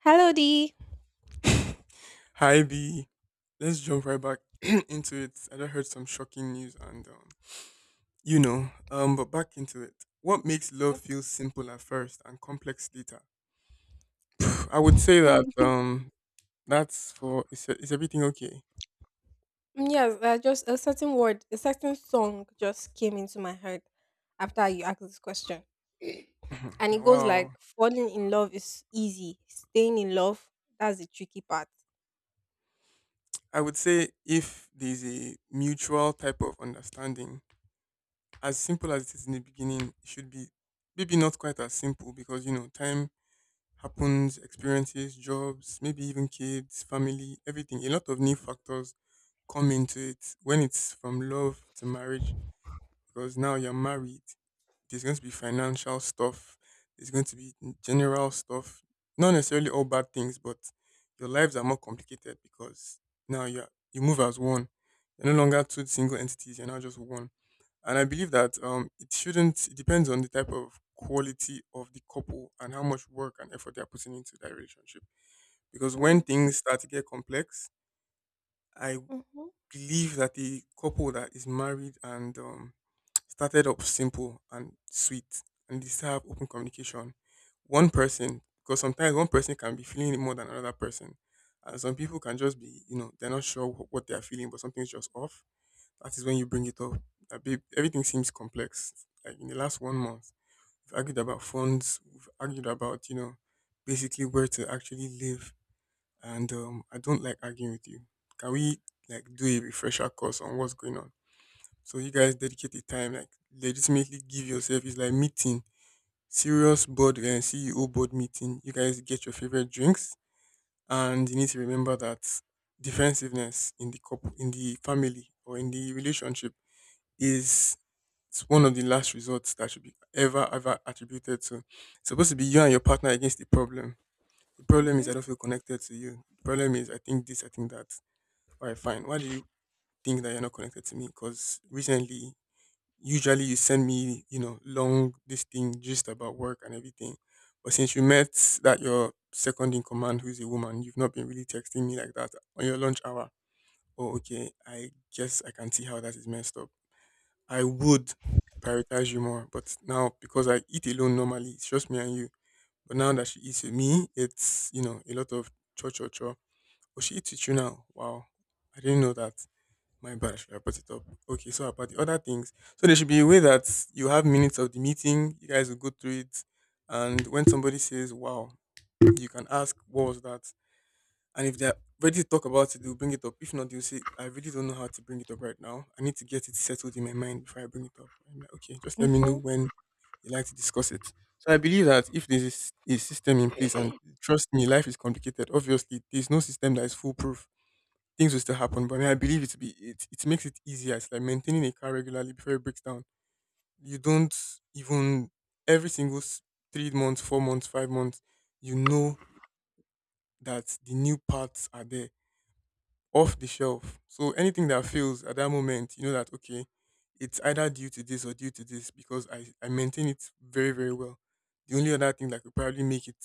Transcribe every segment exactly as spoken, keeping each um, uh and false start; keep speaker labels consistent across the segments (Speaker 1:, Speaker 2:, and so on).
Speaker 1: Hello, D.
Speaker 2: Hi B. Let's jump right back into it. I just heard some shocking news, and um, you know, um, but back into it. What makes love feel simple at first and complex later? I would say that
Speaker 1: Mm,
Speaker 2: um, that's for is is everything okay?
Speaker 1: Yes, uh, just a certain word, a certain song just came into my head after you asked this question. And it
Speaker 2: Now,
Speaker 1: goes
Speaker 2: wow.
Speaker 1: like, falling in love is easy, staying in love, that's the tricky part.
Speaker 2: I would say if there's a mutual type of understanding, as simple as it is in the beginning, it should be maybe not quite as simple because you know, time happens, experiences, jobs, maybe even kids, family, everything. A lot of new factors come into it when it's from love to marriage because now you're married. There's going to be financial stuff, there's going to be general stuff, not necessarily all bad things, but your lives are more complicated because now you're you move as one. You're no longer two single entities, you're now just one. And I believe that um, it shouldn't, it depends on the type of quality of the couple and how much work and effort they are putting into that relationship. Because when
Speaker 1: Mm,
Speaker 2: things start to get complex, I
Speaker 1: hmm
Speaker 2: believe that the couple that is married and um, started up simple and sweet and they still have open communication, one person, because sometimes one person can be feeling it more than another person. And some people can just be, you know, they're not sure wh- what they're feeling, but something's just off, that is when you bring it up. That babe, everything seems complex. Like in the last one month, we've argued about funds. We've argued about, you know, basically where to actually live. And um, I don't like arguing with you. Can we like do a refresher course on what's going on? So you guys dedicate the time, like legitimately give yourself. It's like meeting serious board and C E O board meeting. You guys get your favorite drinks, and you need to remember that defensiveness in the couple, in the family, or in the relationship is, it's one of the last resorts that should be ever, ever attributed to. It's supposed to be you and your partner against the problem. The problem is
Speaker 1: hmm
Speaker 2: I don't feel connected to you. The problem is I think this, I think that. All right, fine. Why do you think that you're not connected to me? Because recently, usually you send me, you know, long, this thing, just about work and everything. But since you met that, your second in command, who's a woman, you've not been really texting me like that on your lunch hour. Oh, okay. I guess I can see how that is messed up. I would prioritize you more. But now, because I eat alone normally, it's just me and you. But now that she eats with me, it's, you know, a lot of cho cho cho. Oh, she eats with you now. Wow. I didn't know that. My bad. I should have brought it up. Okay, so about the other things. So there should be a way that you have minutes of the meeting, you guys will go through it. And when somebody says, wow, you can ask, what was that? And if they're ready to talk about it, they'll bring it up. If not, they'll say, I really don't know how to bring it up right now. I need to get it settled in my mind before I bring it up. I'm like, okay, just let me know
Speaker 1: hmm
Speaker 2: when you like to discuss it. So I believe that if there is a system in place, and trust me, life is complicated. Obviously, there's no system that is foolproof. Things will still happen, but I, mean, I believe it to be it, it makes it easier. It's like maintaining a car regularly before it breaks down. You don't even every single s- three months, four months, five months, you know that the new parts are there off the shelf. So anything that fails at that moment, you know that okay, it's either due to this or due to this because I, I maintain it very, very well. The only other thing that could probably make it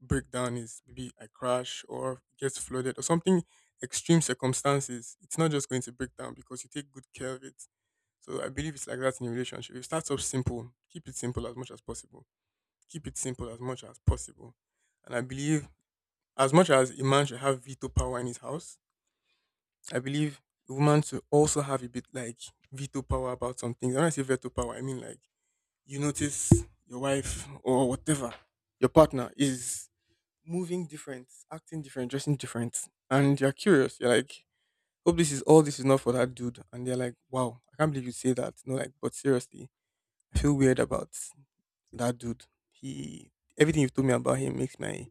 Speaker 2: break down is maybe I crash or gets flooded or something, extreme circumstances. It's not just going to break down because you take good care of it. So I believe it's like that in a relationship. It starts off simple. Keep it simple as much as possible. Keep it simple as much as possible. And I believe as much as a man should have veto power in his house, I believe women to also have a bit like veto power about some things. When I say veto power, I mean like you notice your wife or whatever, your partner is moving different, acting different, dressing different, and you're curious. You're like, hope this is all, this is not for that dude. And they're like, wow, I can't believe you say that. No, like, but seriously, I feel weird about that dude. He, everything you've told me about him makes my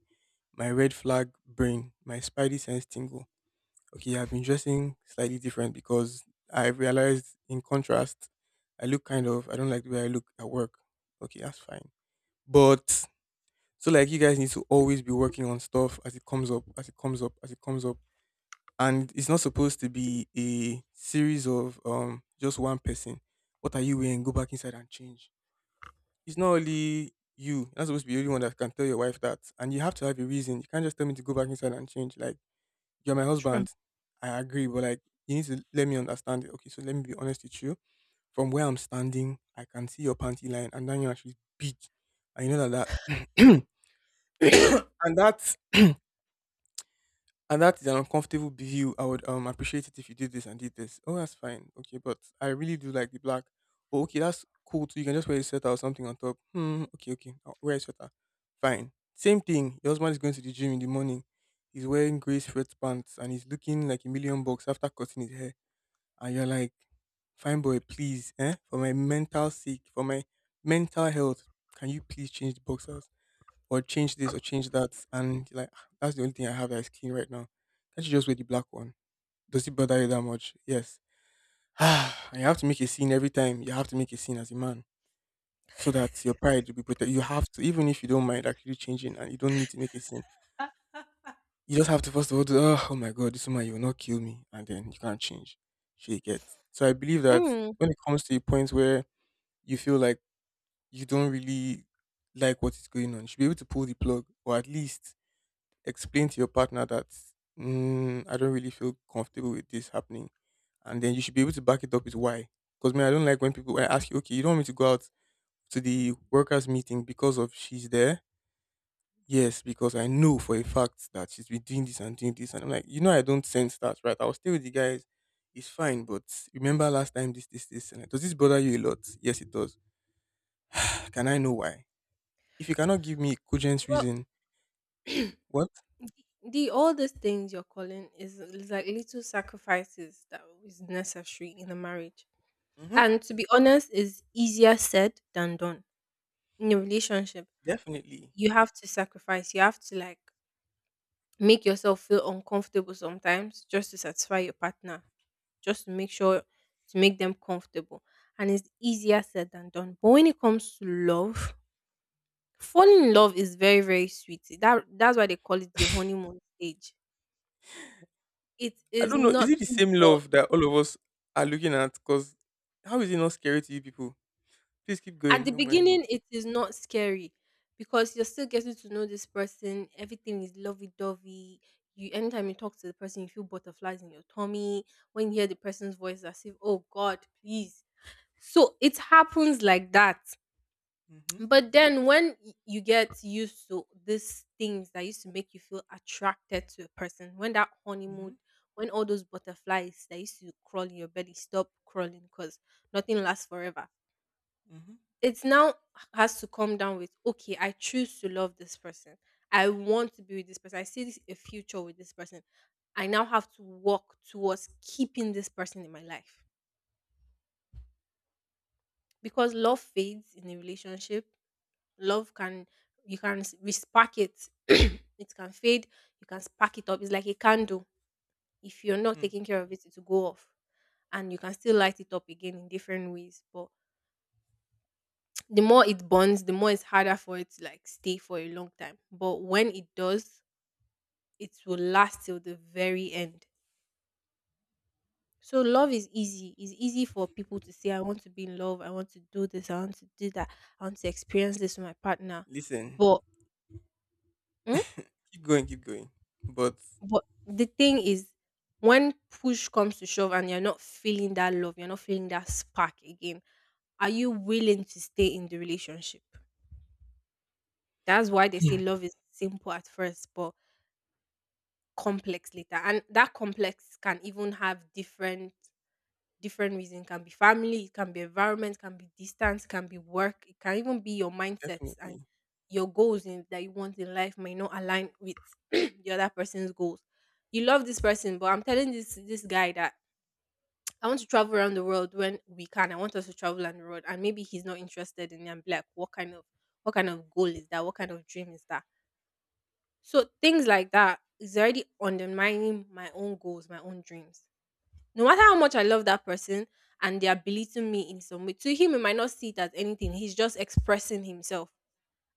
Speaker 2: my red flag brain, my spidey sense tingle. Okay, I've been dressing slightly different because I've realized in contrast, I look kind of, I don't like the way I look at work. Okay, that's fine. But so like you guys need to always be working on stuff as it comes up, as it comes up, as it comes up. And it's not supposed to be a series of um just one person. What are you wearing? Go back inside and change. It's not only you. You're not supposed to be the only one that can tell your wife that. And you have to have a reason. You can't just tell me to go back inside and change. Like you're my
Speaker 1: True.
Speaker 2: husband. I agree, but like you need to let me understand it. Okay, so let me be honest with you. From where I'm standing, I can see your panty line, and then you're actually big. And you know that that and that and that is an uncomfortable view. I would um appreciate it if you did this and did this. Oh, that's fine. Okay, but I really do like the black. Oh, okay, that's cool too. You can just wear a sweater or something on top. Hmm. Okay, okay. I'll wear a sweater. Fine. Same thing. Your husband is going to the gym in the morning. He's wearing grey sweatpants and he's looking like a million bucks after cutting his hair. And you're like, fine boy, please, eh? For my mental sake, for my mental health, can you please change the boxers? Or change this or change that. And you're like, "Ah, that's the only thing I have that is clean right now. Can't you just wear the black one? Does it bother you that much? Yes." And you have to make a scene every time. You have to make a scene as a man so that your pride will be protected. You have to, even if you don't mind actually changing and you don't need to make a scene, you just have to first of all do, oh, oh my God, this woman, you will not kill me. And then you can't change. Shake it. So I believe that
Speaker 1: Mm.
Speaker 2: when it comes to a point where you feel like you don't really like what is going on, you should be able to pull the plug or at least explain to your partner that, mm, I don't really feel comfortable with this happening, and then you should be able to back it up with why. Because man, I don't like when people, when I ask you, okay, you don't want me to go out to the workers meeting because of she's there. Yes, because I know for a fact that she's been doing this and doing this, and I'm like, you know, I don't sense that, right? I'll stay with the guys. It's fine, but remember last time this, this, this, and does this bother you a lot? Yes, it does. Can I know why? If you cannot give me a cogent
Speaker 1: Well,
Speaker 2: reason, what?
Speaker 1: the all these things you're calling is, is like little sacrifices that is necessary in a marriage.
Speaker 2: Mm-hmm.
Speaker 1: And to be honest, is easier said than done in a relationship.
Speaker 2: Definitely.
Speaker 1: You have to sacrifice. You have to like make yourself feel uncomfortable sometimes just to satisfy your partner, just to make sure to make them comfortable. And it's easier said than done. But when it comes to love, falling in love is very, very sweet. That that's why they call it the honeymoon stage. It
Speaker 2: I
Speaker 1: is
Speaker 2: don't know. Is it the
Speaker 1: nothing
Speaker 2: same
Speaker 1: but
Speaker 2: love that all of us are looking at? Because how is it not scary to you people? Please keep
Speaker 1: at
Speaker 2: going.
Speaker 1: the
Speaker 2: Don't mind me.
Speaker 1: beginning, it is not scary because you're still getting to know this person. Everything is lovey dovey. You anytime you talk to the person, you feel butterflies in your tummy. When you hear the person's voice, as if, oh God, please. So it happens like that.
Speaker 2: Mm-hmm.
Speaker 1: But then when y- you get used to these things that used to make you feel attracted to a person, when that
Speaker 2: Mm-hmm.
Speaker 1: honeymoon, when all those butterflies that used to crawl in your belly stop crawling because nothing lasts forever,
Speaker 2: Mm-hmm.
Speaker 1: it now has to come down with, okay, I choose to love this person. I want to be with this person. I see this, a future with this person. I now have to work towards keeping this person in my life because love fades in a relationship. Love can, you can s- respark it. It can fade. You can spark it up. It's like a candle. If you're not
Speaker 2: Hmm.
Speaker 1: taking care of it, it will go off, and you can still light it up again in different ways. But the more it bonds, the more it's harder for it to like stay for a long time. But when it does, it will last till the very end. So love is easy. It's easy for people to say, I want to be in love, I want to do this, I want to do that, I want to experience this with my partner.
Speaker 2: Listen,
Speaker 1: But mm,
Speaker 2: keep going, keep going. But
Speaker 1: but the thing is when push comes to shove and you're not feeling that love, you're not feeling that spark again, are you willing to stay in the relationship? That's why they say
Speaker 2: hmm.
Speaker 1: love is simple at first, but complex later, and that complex can even have different different reason. It can be family, it can be environment, can be distance, can be work. It can even be your mindsets and
Speaker 2: Definitely,
Speaker 1: your goals in, that you want in life might not align with the other person's goals. You love this person, but I'm telling this this guy that I want to travel around the world. When we can, I want us to travel around the world, and maybe he's not interested in it and be like, what kind of what kind of goal is that? What kind of dream is that? So things like that is already undermining my own goals, my own dreams. No matter how much I love that person and they are belittling me in some way, to him, he might not see it as anything. He's just expressing himself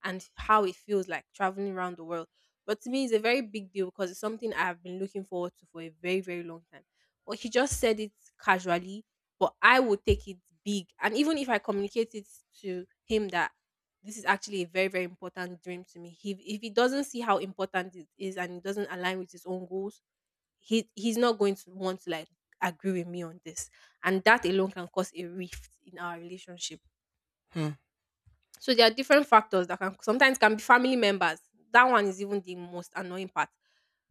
Speaker 1: and how it feels like traveling around the world. But to me, it's a very big deal because it's something I have been looking forward to for a very, very long time. But he just said it casually, but I will take it big. And even if I communicate it to him that this is actually a very, very important dream to me, he, if he doesn't see how important it is and it doesn't align with his own goals, he, he's not going to want to like agree with me on this. And that alone can cause a rift in our relationship.
Speaker 2: hmm.
Speaker 1: So there are different factors that can sometimes can be family members. That one is even the most annoying part.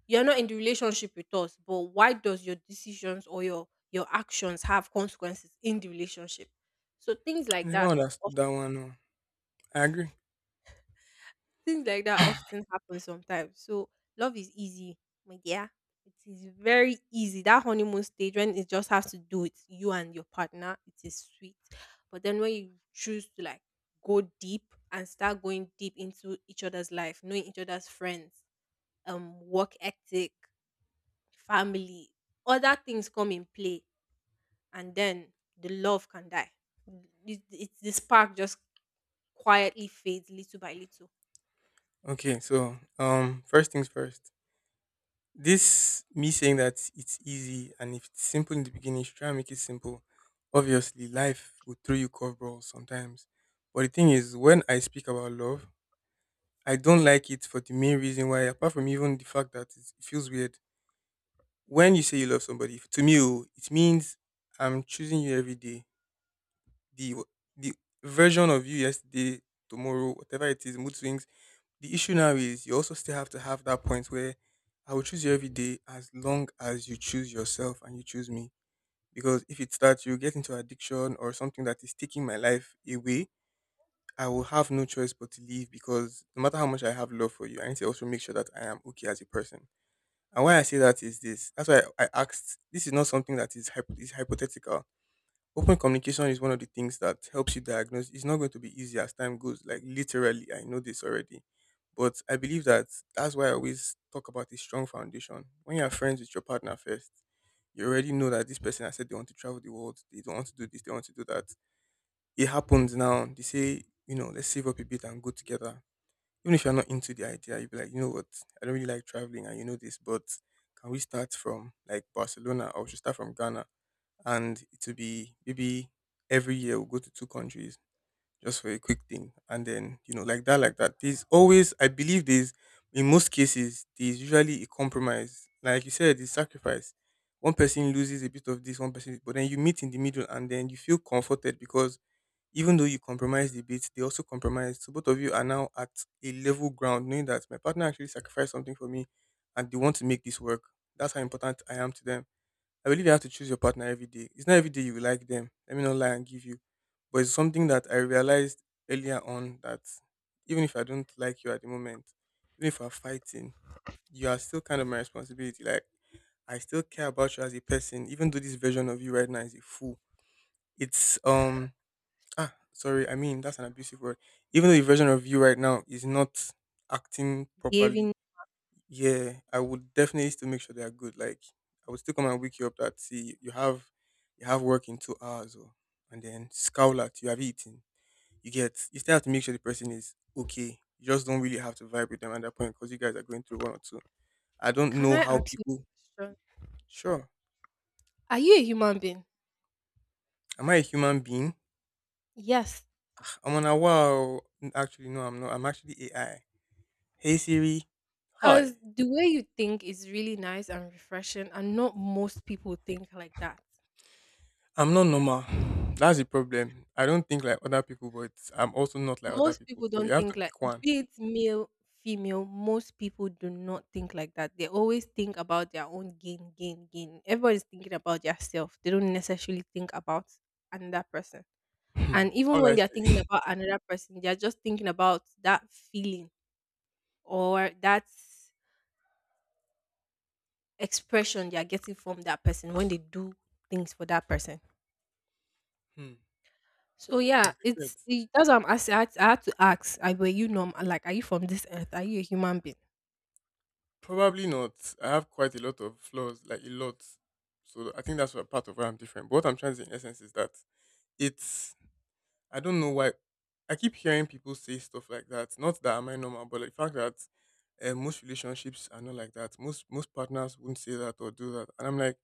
Speaker 1: You're not in the relationship with us, but why does your decisions or your your actions have consequences in the relationship? So things
Speaker 2: I
Speaker 1: like
Speaker 2: never
Speaker 1: that,
Speaker 2: understood that one. No. I agree.
Speaker 1: things like that often happen sometimes. So love is easy, my dear. It is very easy. That honeymoon stage when it just has to do with you and your partner, it is sweet. But then when you choose to like go deep and start going deep into each other's life, knowing each other's friends, um, work ethic, family, other things come in play, and then the love can die. It, it, the spark just quietly fades little by little.
Speaker 2: Okay, so um, first things first. This me saying that it's easy and if it's simple in the beginning, you should try and make it simple. Obviously, life will throw you curveballs sometimes. But the thing is, when I speak about love, I don't like it for the main reason why, apart from even the fact that it's- it feels weird. When you say you love somebody, if- to me, oh, it means I'm choosing you every day. The the version of you yesterday, tomorrow, whatever it is, mood swings. The issue now is you also still have to have that point where I will choose you every day as long as you choose yourself and you choose me. Because if it starts, you get into addiction or something that is taking my life away, I will have no choice but to leave, because no matter how much I have love for you, I need to also make sure that I am okay as a person. And why I say that is this. That's why I asked. This is not something that is, hypo- is hypothetical. Open communication is one of the things that helps you diagnose. It's not going to be easy as time goes. Like literally, I know this already. But I believe that that's why I always talk about a strong foundation. When you're friends with your partner first, you already know that this person has said they want to travel the world, they don't want to do this, they want to do that. It happens now. They say, you know let's save up a bit and go together. Even if you're not into the idea, you'll be like, you know what, I don't really like traveling and you know this, but can we start from like Barcelona, or we should start from Ghana? And it will be maybe every year we'll go to two countries just for a quick thing, and then you know like that like that there's always, I believe there's, in most cases there's usually a compromise. Like you said, the sacrifice, one person loses a bit of this, one person, but then you meet in the middle and then you feel comforted because even though you compromised a bit, they also compromised, so both of you are now at a level ground, knowing that my partner actually sacrificed something for me and they want to make this work. That's how important I am to them. I believe you have to choose your partner every day. It's not every day you will like them. Let me not lie and give you. But it's something that I realized earlier on, that even if I don't like you at the moment, even if we're fighting, you are still kind of my responsibility. Like, I still care about you as a person, even though this version of you right now is a fool. It's um ah Sorry, I mean that's an abusive word. Even though the version of you right now is not acting properly,
Speaker 1: Behaving.
Speaker 2: yeah, I would definitely still make sure they are good. Like, I would still come and wake you up that see you have you have work in two hours, or and then scowl at you have eaten. You get, you still have to make sure the person is okay. You just don't really have to vibe with them at that point because you guys are going through one or two. I don't
Speaker 1: Can
Speaker 2: know
Speaker 1: I
Speaker 2: how
Speaker 1: ask you
Speaker 2: people.
Speaker 1: a question?
Speaker 2: Sure.
Speaker 1: Are you a human being?
Speaker 2: Am I a human being?
Speaker 1: Yes.
Speaker 2: I'm on a wow. Actually, no, I'm not. I'm actually A I. Hey Siri. Hi.
Speaker 1: Because the way you think is really nice and refreshing, and not most people think like that.
Speaker 2: I'm not normal. That's the problem. I don't think like other people, but I'm also not like other
Speaker 1: Most
Speaker 2: people.
Speaker 1: people
Speaker 2: So you
Speaker 1: don't
Speaker 2: have to
Speaker 1: think like,
Speaker 2: pick one.
Speaker 1: be it male, female, most people do not think like that. They always think about their own gain, gain, gain. Everybody's thinking about their self. They don't necessarily think about another person.
Speaker 2: Hmm.
Speaker 1: And even
Speaker 2: How would
Speaker 1: when
Speaker 2: I
Speaker 1: they're thinking
Speaker 2: say?
Speaker 1: about another person, they're just thinking about that feeling or that expression they are getting from that person when they do things for that person.
Speaker 2: Hmm.
Speaker 1: So yeah,
Speaker 2: Like I said,
Speaker 1: it's it, that's what I'm asking. I had, I had to ask, I, were you normal? Like, are you from this earth? Are you a human being?
Speaker 2: probably not. I have quite a lot of flaws, like a lot. So I think that's what part of why I'm different. But what I'm trying to say in essence is that it's, I don't know why I keep hearing people say stuff like that. Not that am I normal, but like the fact that uh, most relationships are not like that. Most most partners wouldn't say that or do that. And I'm like,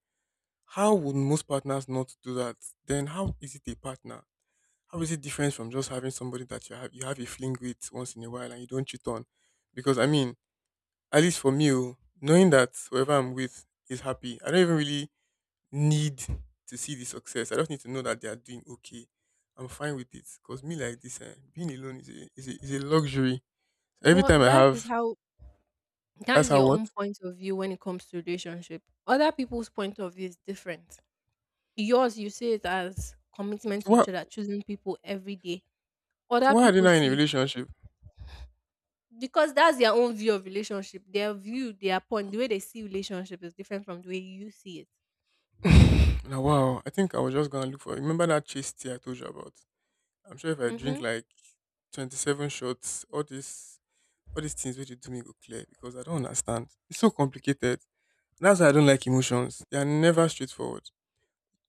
Speaker 2: how would most partners not do that? Then how is it a partner? How is it different from just having somebody that you have you have a fling with once in a while and you don't cheat on? Because I mean, at least for me, oh, knowing that whoever I'm with is happy, I don't even really need to see the success. I just need to know that they are doing okay. I'm fine with it. Cause me like this, eh, being alone is a, is a is a luxury. So every
Speaker 1: Well,
Speaker 2: time I
Speaker 1: that is
Speaker 2: have,
Speaker 1: how that
Speaker 2: that's
Speaker 1: is
Speaker 2: how
Speaker 1: your
Speaker 2: what.
Speaker 1: own point of view when it comes to relationship. Other people's point of view is different. Yours, you see it as commitment
Speaker 2: So
Speaker 1: to each
Speaker 2: what?
Speaker 1: other, choosing people every day.
Speaker 2: So
Speaker 1: Other
Speaker 2: why are they
Speaker 1: people
Speaker 2: not in a
Speaker 1: see it
Speaker 2: relationship?
Speaker 1: because that's their own view of relationship. Their view, their point, the way they see relationship is different from the way you see it.
Speaker 2: Now, wow, I think I was just gonna look for, remember that chase tea I told you about? I'm sure if I drink
Speaker 1: Mm-hmm.
Speaker 2: like twenty-seven shots, all this, all these things which you do me go clear, because I don't understand. It's so complicated. That's why I don't like emotions. They are never straightforward.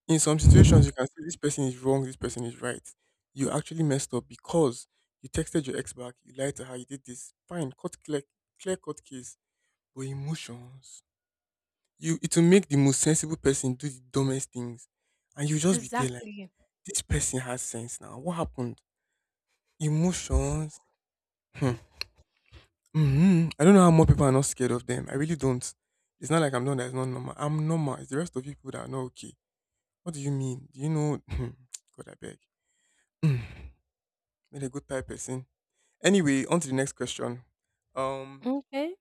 Speaker 2: In some situations, you can say this person is wrong, this person is right. You actually messed up because you texted your ex back, you lied to her, you did this. Fine, cut clear, clear cut case. But emotions, you, it will make the most sensible person do the dumbest things, and you just be there like,
Speaker 1: Exactly.
Speaker 2: this person has sense now. What happened? Emotions. Hmm. Hmm, I don't know how more people are not scared of them. I really don't. It's not like I'm not That's not normal. I'm normal. It's the rest of people that are not okay. What do you mean? Do you know? God, I beg. Made a good type person. Anyway, on to the next question. Um,
Speaker 1: Okay.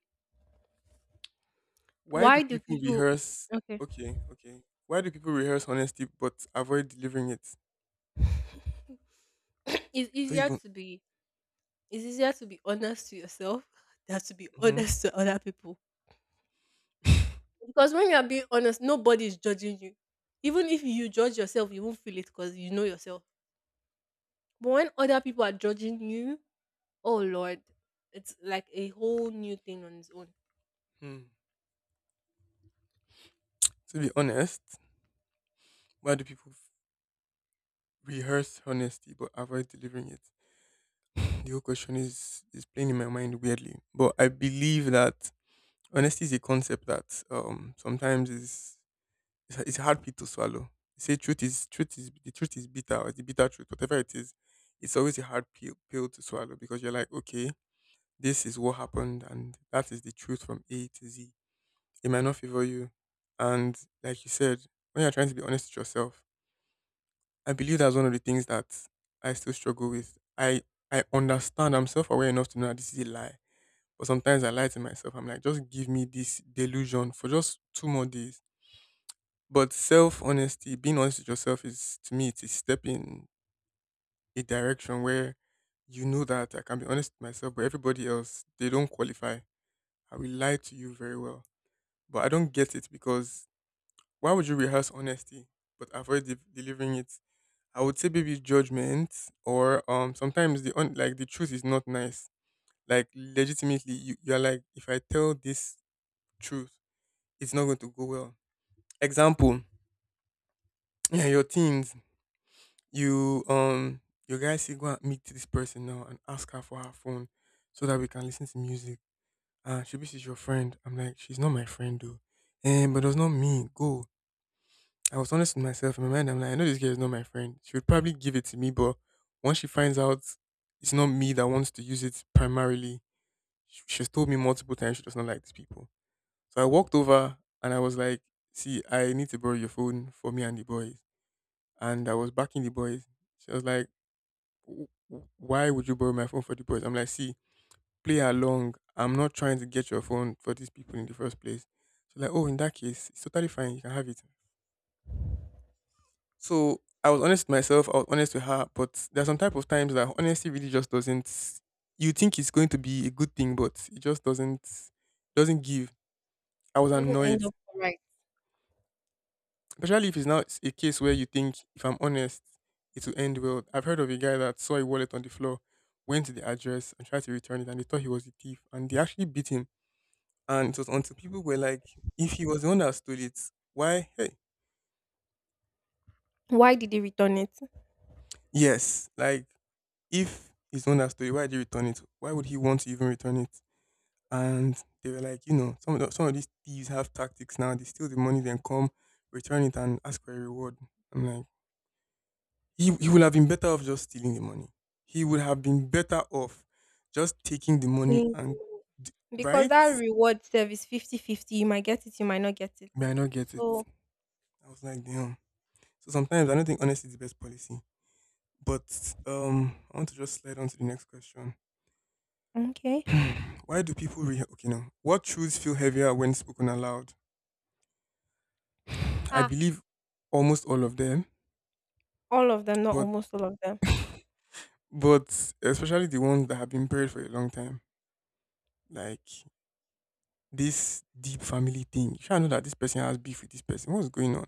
Speaker 2: why do
Speaker 1: Why do
Speaker 2: people
Speaker 1: people?
Speaker 2: rehearse?
Speaker 1: Okay.
Speaker 2: Okay, okay. Why do people rehearse honesty but avoid delivering it?
Speaker 1: It's
Speaker 2: Don't
Speaker 1: easier
Speaker 2: even.
Speaker 1: to be, it's easier to be honest to yourself than to be
Speaker 2: Mhm.
Speaker 1: honest to other people. Because when you are being honest, nobody is judging you. Even if you judge yourself, you won't feel it because you know yourself. But when other people are judging you, oh Lord, it's like a whole new thing on its own.
Speaker 2: Hmm. To be honest, why do people f- rehearse honesty but avoid delivering it? The whole question is is playing in my mind weirdly, but I believe that honesty is a concept that um sometimes is, it's a it's a hard pill to swallow. They say truth is, truth is the truth is bitter, or the bitter truth, whatever it is. It's always a hard pill pill to swallow because you're like, okay, this is what happened and that is the truth from A to Z. It might not favor you, and like you said, when you're trying to be honest with yourself, I believe that's one of the things that I still struggle with. I I understand. I'm self aware enough to know that this is a lie, but sometimes I lie to myself. I'm like, just give me this delusion for just two more days. But self honesty, being honest with yourself, is to me, it's a step in a direction where you know that I can be honest with myself, but everybody else, they don't qualify. I will lie to you very well. But I don't get it, because why would you rehearse honesty but avoid de- delivering it? I would say maybe judgment, or um sometimes the un- like the truth is not nice. Like legitimately you, you're like, if I tell this truth, it's not going to go well. Example, yeah, your teens. You um your guy say go and meet this person now and ask her for her phone so that we can listen to music. Ah, she be she's your friend. I'm like, she's not my friend though. And but it was not me. Go. I was honest with myself in my mind. I'm like, I know this girl is not my friend. She would probably give it to me, but once she finds out it's not me that wants to use it primarily, sh- she's told me multiple times she does not like these people. So I walked over and I was like, see, I need to borrow your phone for me and the boys. And I was backing the boys. She was like, w- w- why would you borrow my phone for the boys? I'm like, see, play along. I'm not trying to get your phone for these people in the first place. She's like, oh, in that case, it's totally fine. You can have it. So I was honest with myself. I was honest with her. But there are some type of times that honesty really just doesn't. You think it's going to be a good thing, but it just doesn't doesn't give. I was
Speaker 1: Doesn't
Speaker 2: annoyed.
Speaker 1: end up right.
Speaker 2: Especially if it's now it's a case where you think, if I'm honest, it will end well. I've heard of a guy that saw a wallet on the floor, went to the address and tried to return it, and they thought he was a thief, and they actually beat him. And it was until people were like, if he was the one that stole it, why? Hey,
Speaker 1: Why did they return it?
Speaker 2: yes, like if he's the one that stole it, why did he return it? Why would he want to even return it? And they were like, you know, some of the, some of these thieves have tactics now. They steal the money, then come return it and ask for a reward. I'm like, He he would have been better off just stealing the money. He would have been better off just taking the money
Speaker 1: Feeling
Speaker 2: and d-
Speaker 1: because
Speaker 2: right?
Speaker 1: that reward service fifty fifty. You might get it, you might not get it.
Speaker 2: May I not get it?
Speaker 1: So
Speaker 2: I was like, damn. So sometimes I don't think honesty is the best policy. But um, I want to just slide on to the next question.
Speaker 1: okay.
Speaker 2: Why do people re- okay no? What truths feel heavier when spoken aloud? I
Speaker 1: Ah.
Speaker 2: believe almost all of them,
Speaker 1: All of them, not
Speaker 2: but
Speaker 1: almost all of them.
Speaker 2: but especially the ones that have been buried for a long time, like this deep family thing. You should know that this person has beef with this person. What's going on?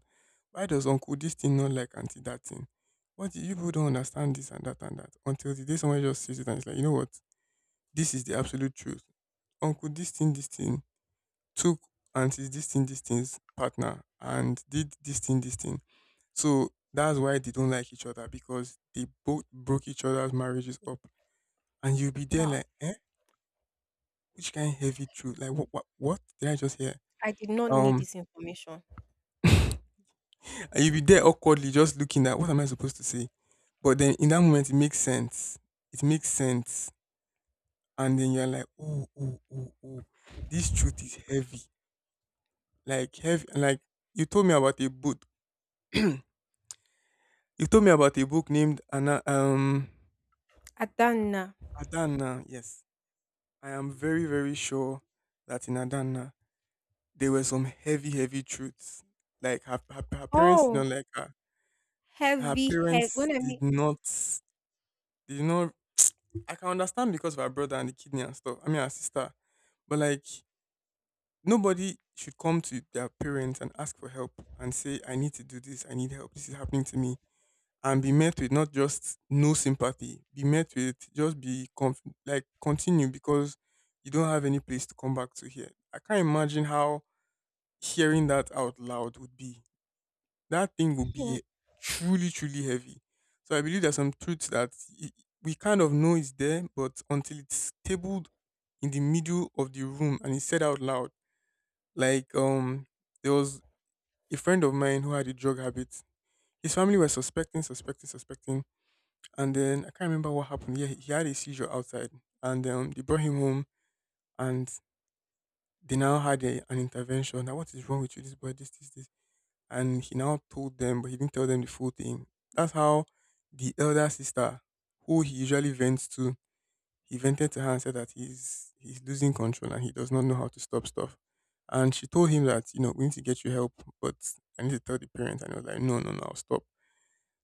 Speaker 2: Why does uncle this thing not like auntie that thing? What do you people don't understand this and that and that until the day someone just sees it and it's like, you know what? This is the absolute truth. Uncle this thing, this thing took auntie's this thing, this thing's partner and did this thing, this thing. So that's why they don't like each other because they both broke each other's marriages up. And you'll be there
Speaker 1: Wow.
Speaker 2: like, eh? Which kind of heavy truth? Like what what what did I just hear?
Speaker 1: I did not need
Speaker 2: Um
Speaker 1: this information.
Speaker 2: And you'll be there awkwardly just looking at what am I supposed to say? But then in that moment, it makes sense. It makes sense. And then you're like, oh, oh, oh, oh, this truth is heavy. Like, heavy. Like, you told me about a book. you told me about a book named Anna, um,
Speaker 1: Adana.
Speaker 2: Adana. Yes. I am very, very sure that in Adana, there were some heavy, heavy truths. Like, her, her, her parents did not
Speaker 1: Oh,
Speaker 2: like her. Her
Speaker 1: heavy head.
Speaker 2: parents
Speaker 1: When I
Speaker 2: did
Speaker 1: mean,
Speaker 2: not You know, I can understand because of her brother and the kidney and stuff. I mean, her sister. But like, nobody should come to their parents and ask for help and say, I need to do this. I need help. This is happening to me. And be met with not just no sympathy, be met with just be conf- like continue because you don't have any place to come back to here. I can't imagine how hearing that out loud would be that thing will be truly, truly heavy. So I believe there's some truth that i- we kind of know is there, but until it's tabled in the middle of the room and it's said out loud. Like um, there was a friend of mine who had a drug habit. His family were suspecting, suspecting, suspecting, and then I can't remember what happened. Yeah, he had a seizure outside, and um, they brought him home, and they now had a, an intervention. Now, what is wrong with you, this boy? This, this, this. And he now told them, but he didn't tell them the full thing. That's how the elder sister, who he usually vents to, he vented to her and said that he's he's losing control and he does not know how to stop stuff. And she told him that, you know, we need to get you help, but I need to tell the parents. And he was like, no, no, no, I'll stop.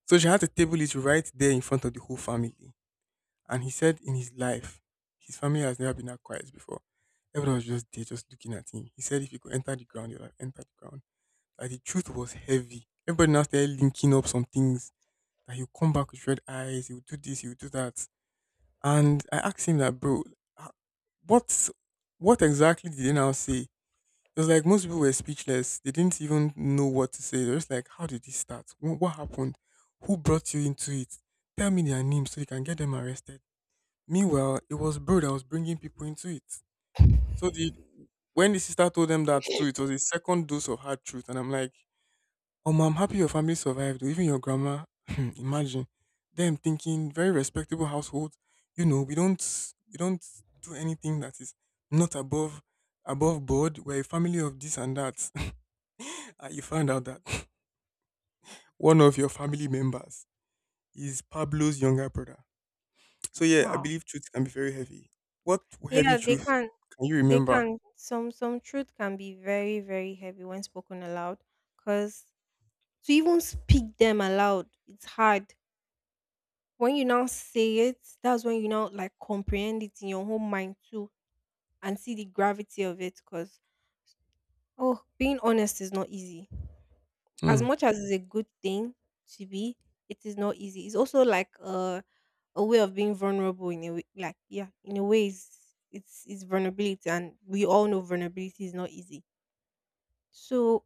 Speaker 2: So she had to table it right there in front of the whole family. And he said in his life, his family has never been that quiet before. Everyone was just there, just looking at him. He said if he could enter the ground, he would have entered the ground, that the truth was heavy. Everybody now started linking up some things, that he'll come back with red eyes, he'll do this, he'll do that. And I asked him that, bro, ah, what what exactly did they now say? It was like most people were speechless. They didn't even know what to say. They're just like, how did this start? Wh- What happened? Who brought you into it? Tell me their names so you can get them arrested. Meanwhile, it was bro that was bringing people into it. So the when the sister told them that too, it was a second dose of hard truth, and I'm like, oh, I'm happy your family survived. Oh, even your grandma, imagine them thinking very respectable household. You know, we don't we don't do anything that is not above above board. We're a family of this and that. And you found out that one of your family members is Pablo's younger brother. So yeah, I
Speaker 1: wow.
Speaker 2: believe truth can be very heavy. What heavy
Speaker 1: Yeah, they
Speaker 2: truth
Speaker 1: can.
Speaker 2: can you
Speaker 1: They
Speaker 2: remember?
Speaker 1: can. Some some truth can be very very heavy when spoken aloud, because to even speak them aloud, it's hard. When you now say it, that's when you now like comprehend it in your own mind too, and see the gravity of it. Because oh, being honest is not easy. As
Speaker 2: Hmm.
Speaker 1: much as it's a good thing to be, it is not easy. It's also like a a way of being vulnerable in a way. Like yeah, in a way, it's it's, it's vulnerability, and we all know vulnerability is not easy. So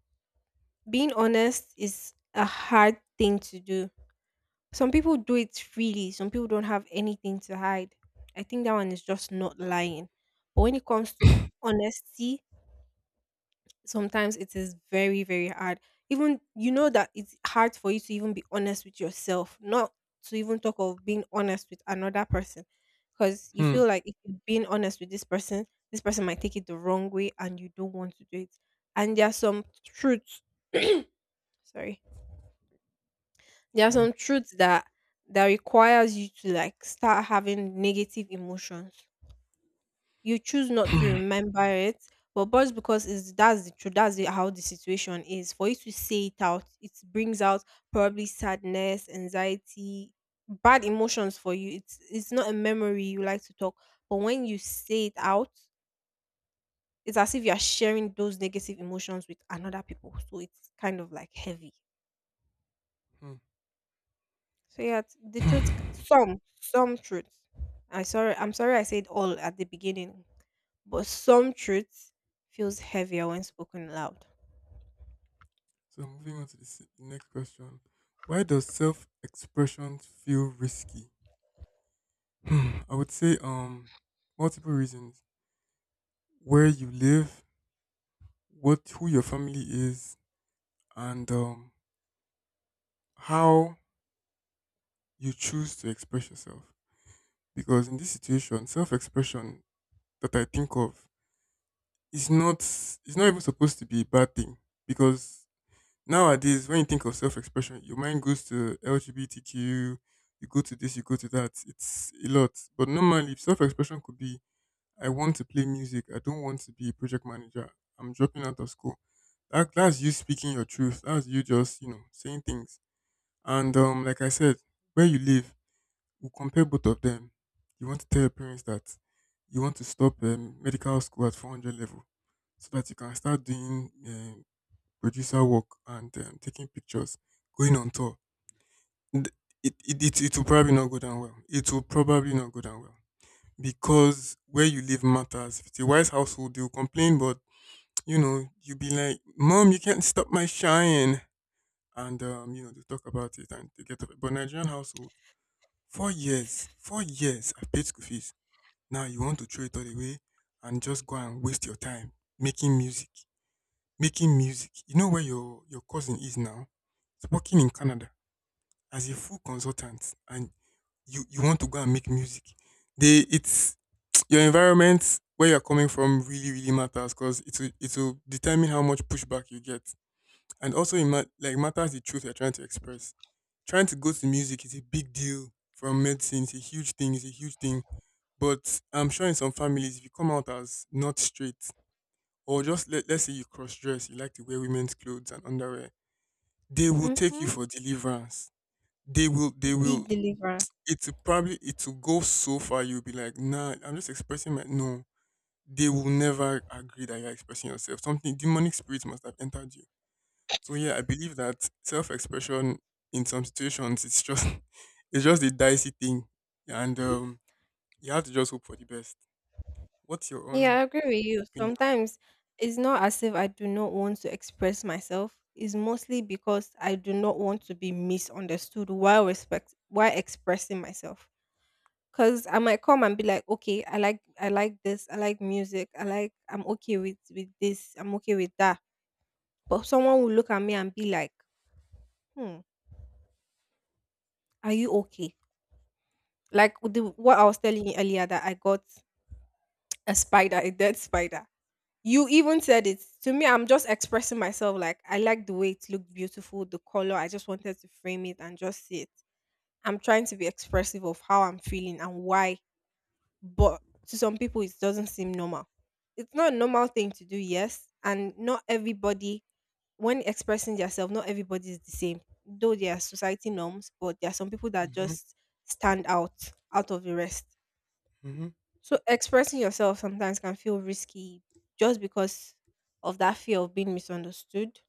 Speaker 1: being honest is a hard thing to do. Some people do it freely. Some people don't have anything to hide. I think that one is just not lying. But when it comes to honesty, sometimes it is very very hard. Even you know that it's hard for you to even be honest with yourself, not to even talk of being honest with another person, because you
Speaker 2: Hmm.
Speaker 1: feel like if you're being honest with this person, this person might take it the wrong way and you don't want to do it. And there are some truths, sorry, there are
Speaker 2: Fine.
Speaker 1: some truths that that requires you to like start having negative emotions. You choose not to
Speaker 2: Hmm.
Speaker 1: remember it, but just because it's that's the truth, that's the, how the situation is. For you to say it out, it brings out probably sadness, anxiety, bad emotions for you. It's it's not a memory you like to talk, but when you say it out, it's as if you are sharing those negative emotions with another people. So it's kind of like heavy.
Speaker 2: Hmm.
Speaker 1: So yeah, t- the truth, c-
Speaker 2: Hmm.
Speaker 1: some some truth. I sorry, I'm sorry I said all at the beginning. But some truth feels heavier when spoken loud.
Speaker 2: So I'm moving on to the se- next question. Why does self-expression feel risky? Hmm, I would say um multiple reasons. Where you live, what who your family is, and um how you choose to express yourself. Because in this situation, self-expression that I think of is not is not even supposed to be a bad thing because nowadays, when you think of self expression, your mind goes to L G B T Q, you go to this, you go to that. It's a lot. But normally, self expression could be I want to play music, I don't want to be a project manager, I'm dropping out of school. That, that's you speaking your truth. That's you just, you know, saying things. And um, like I said, where you live, we compare both of them. You want to tell your parents that you want to stop um, medical school at four hundred level so that you can start doing uh, producer work and um, taking pictures, going on tour, th- it, it, it, it will probably not go down well. It will probably not go down well because where you live matters. If it's a wise household, they'll complain, but you know, you'll be like, Mom, you can't stop my shine. And, um, you know, they talk about it and they get up. But Nigerian household, four years four years, I've paid school fees. Now you want to throw it all away and just go and waste your time making music. Making music. You know where your your cousin is now? He's working in Canada as a full consultant, and you you want to go and make music. They it's your environment where you're coming from really really matters because it will it will determine how much pushback you get, and also it ma- like matters the truth you're trying to express. Trying to go to music is a big deal from medicine. It's a huge thing. It's a huge thing. But I'm sure in some families, if you come out as not straight, or just let, let's say you cross dress, you like to wear women's clothes and underwear, they will take you
Speaker 1: Hmm.
Speaker 2: for deliverance. They will they
Speaker 1: Big
Speaker 2: will
Speaker 1: deliverance.
Speaker 2: it will probably it will go so far you'll be like, nah, I'm just expressing my no. They will never agree that you're expressing yourself. Something demonic spirit must have entered you. So yeah, I believe that self expression in some situations it's just it's just a dicey thing. And um you have to just hope for the best. What's your own
Speaker 1: Yeah, I agree with you.
Speaker 2: opinion?
Speaker 1: Sometimes it's not as if I do not want to express myself. It's mostly because I do not want to be misunderstood while respect while expressing myself. Cause I might come and be like, okay, I like I like this, I like music, I like I'm okay with with this, I'm okay with that. But someone will look at me and be like, hmm, are you okay? Like with the, what I was telling you earlier that I got a spider, a dead spider. You even said it to me. I'm just expressing myself like I like the way it looked beautiful, the color. I just wanted to frame it and just see it. I'm trying to be expressive of how I'm feeling and why, but to some people, it doesn't seem normal. It's not a normal thing to do, yes. And not everybody, when expressing themselves, not everybody is the same. Though there are society norms, but there are some people that
Speaker 2: Hmm.
Speaker 1: just stand out out of the rest. So expressing yourself sometimes can feel risky just because of that fear of being misunderstood.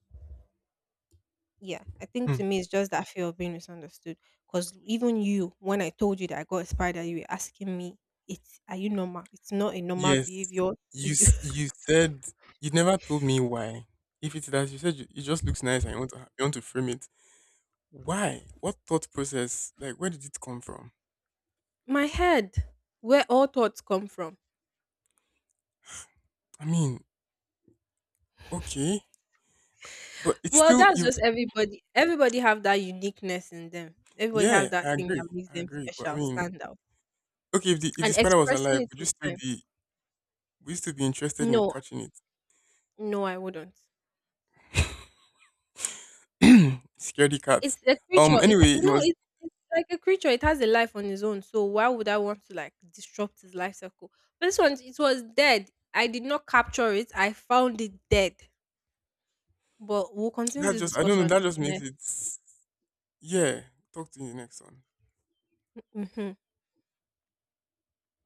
Speaker 1: Yeah, I think
Speaker 2: Hmm.
Speaker 1: to me it's just that fear of being misunderstood. Because even you, when I told you that I got a spider, you were asking me, "It's are you normal? It's not a normal
Speaker 2: Yes.
Speaker 1: behavior to
Speaker 2: You
Speaker 1: do."
Speaker 2: s- you said you never told me why. If it's that you said you, it just looks nice and you want to ha- you want to frame it. Why? What thought process? Like where did it come from?
Speaker 1: My head, where all thoughts come from.
Speaker 2: I mean, okay, but it's
Speaker 1: Well,
Speaker 2: still
Speaker 1: that's
Speaker 2: you.
Speaker 1: just everybody. Everybody have that uniqueness in them. Everybody
Speaker 2: Yeah,
Speaker 1: have that
Speaker 2: I
Speaker 1: thing
Speaker 2: agree.
Speaker 1: that makes
Speaker 2: I
Speaker 1: them
Speaker 2: agree. But I
Speaker 1: special,
Speaker 2: mean,
Speaker 1: stand out,
Speaker 2: okay, if the if the
Speaker 1: and
Speaker 2: spider was
Speaker 1: expressing
Speaker 2: alive,
Speaker 1: it
Speaker 2: would you still
Speaker 1: sometimes.
Speaker 2: be would you still be interested in
Speaker 1: No,
Speaker 2: catching it?
Speaker 1: no, I wouldn't.
Speaker 2: Scaredy cat.
Speaker 1: It's a
Speaker 2: Um.
Speaker 1: creature. It
Speaker 2: Anyway, it
Speaker 1: No,
Speaker 2: was
Speaker 1: it's it's like a creature. It has a life on its own. So why would I want to like disrupt its life cycle? But this one, it was dead. I did not capture it. I found it dead. But we'll continue
Speaker 2: that
Speaker 1: this
Speaker 2: just I don't know.
Speaker 1: discussion
Speaker 2: That
Speaker 1: in
Speaker 2: just
Speaker 1: the
Speaker 2: makes
Speaker 1: next.
Speaker 2: it. Yeah. Talk to you in the next one.
Speaker 1: Mhm.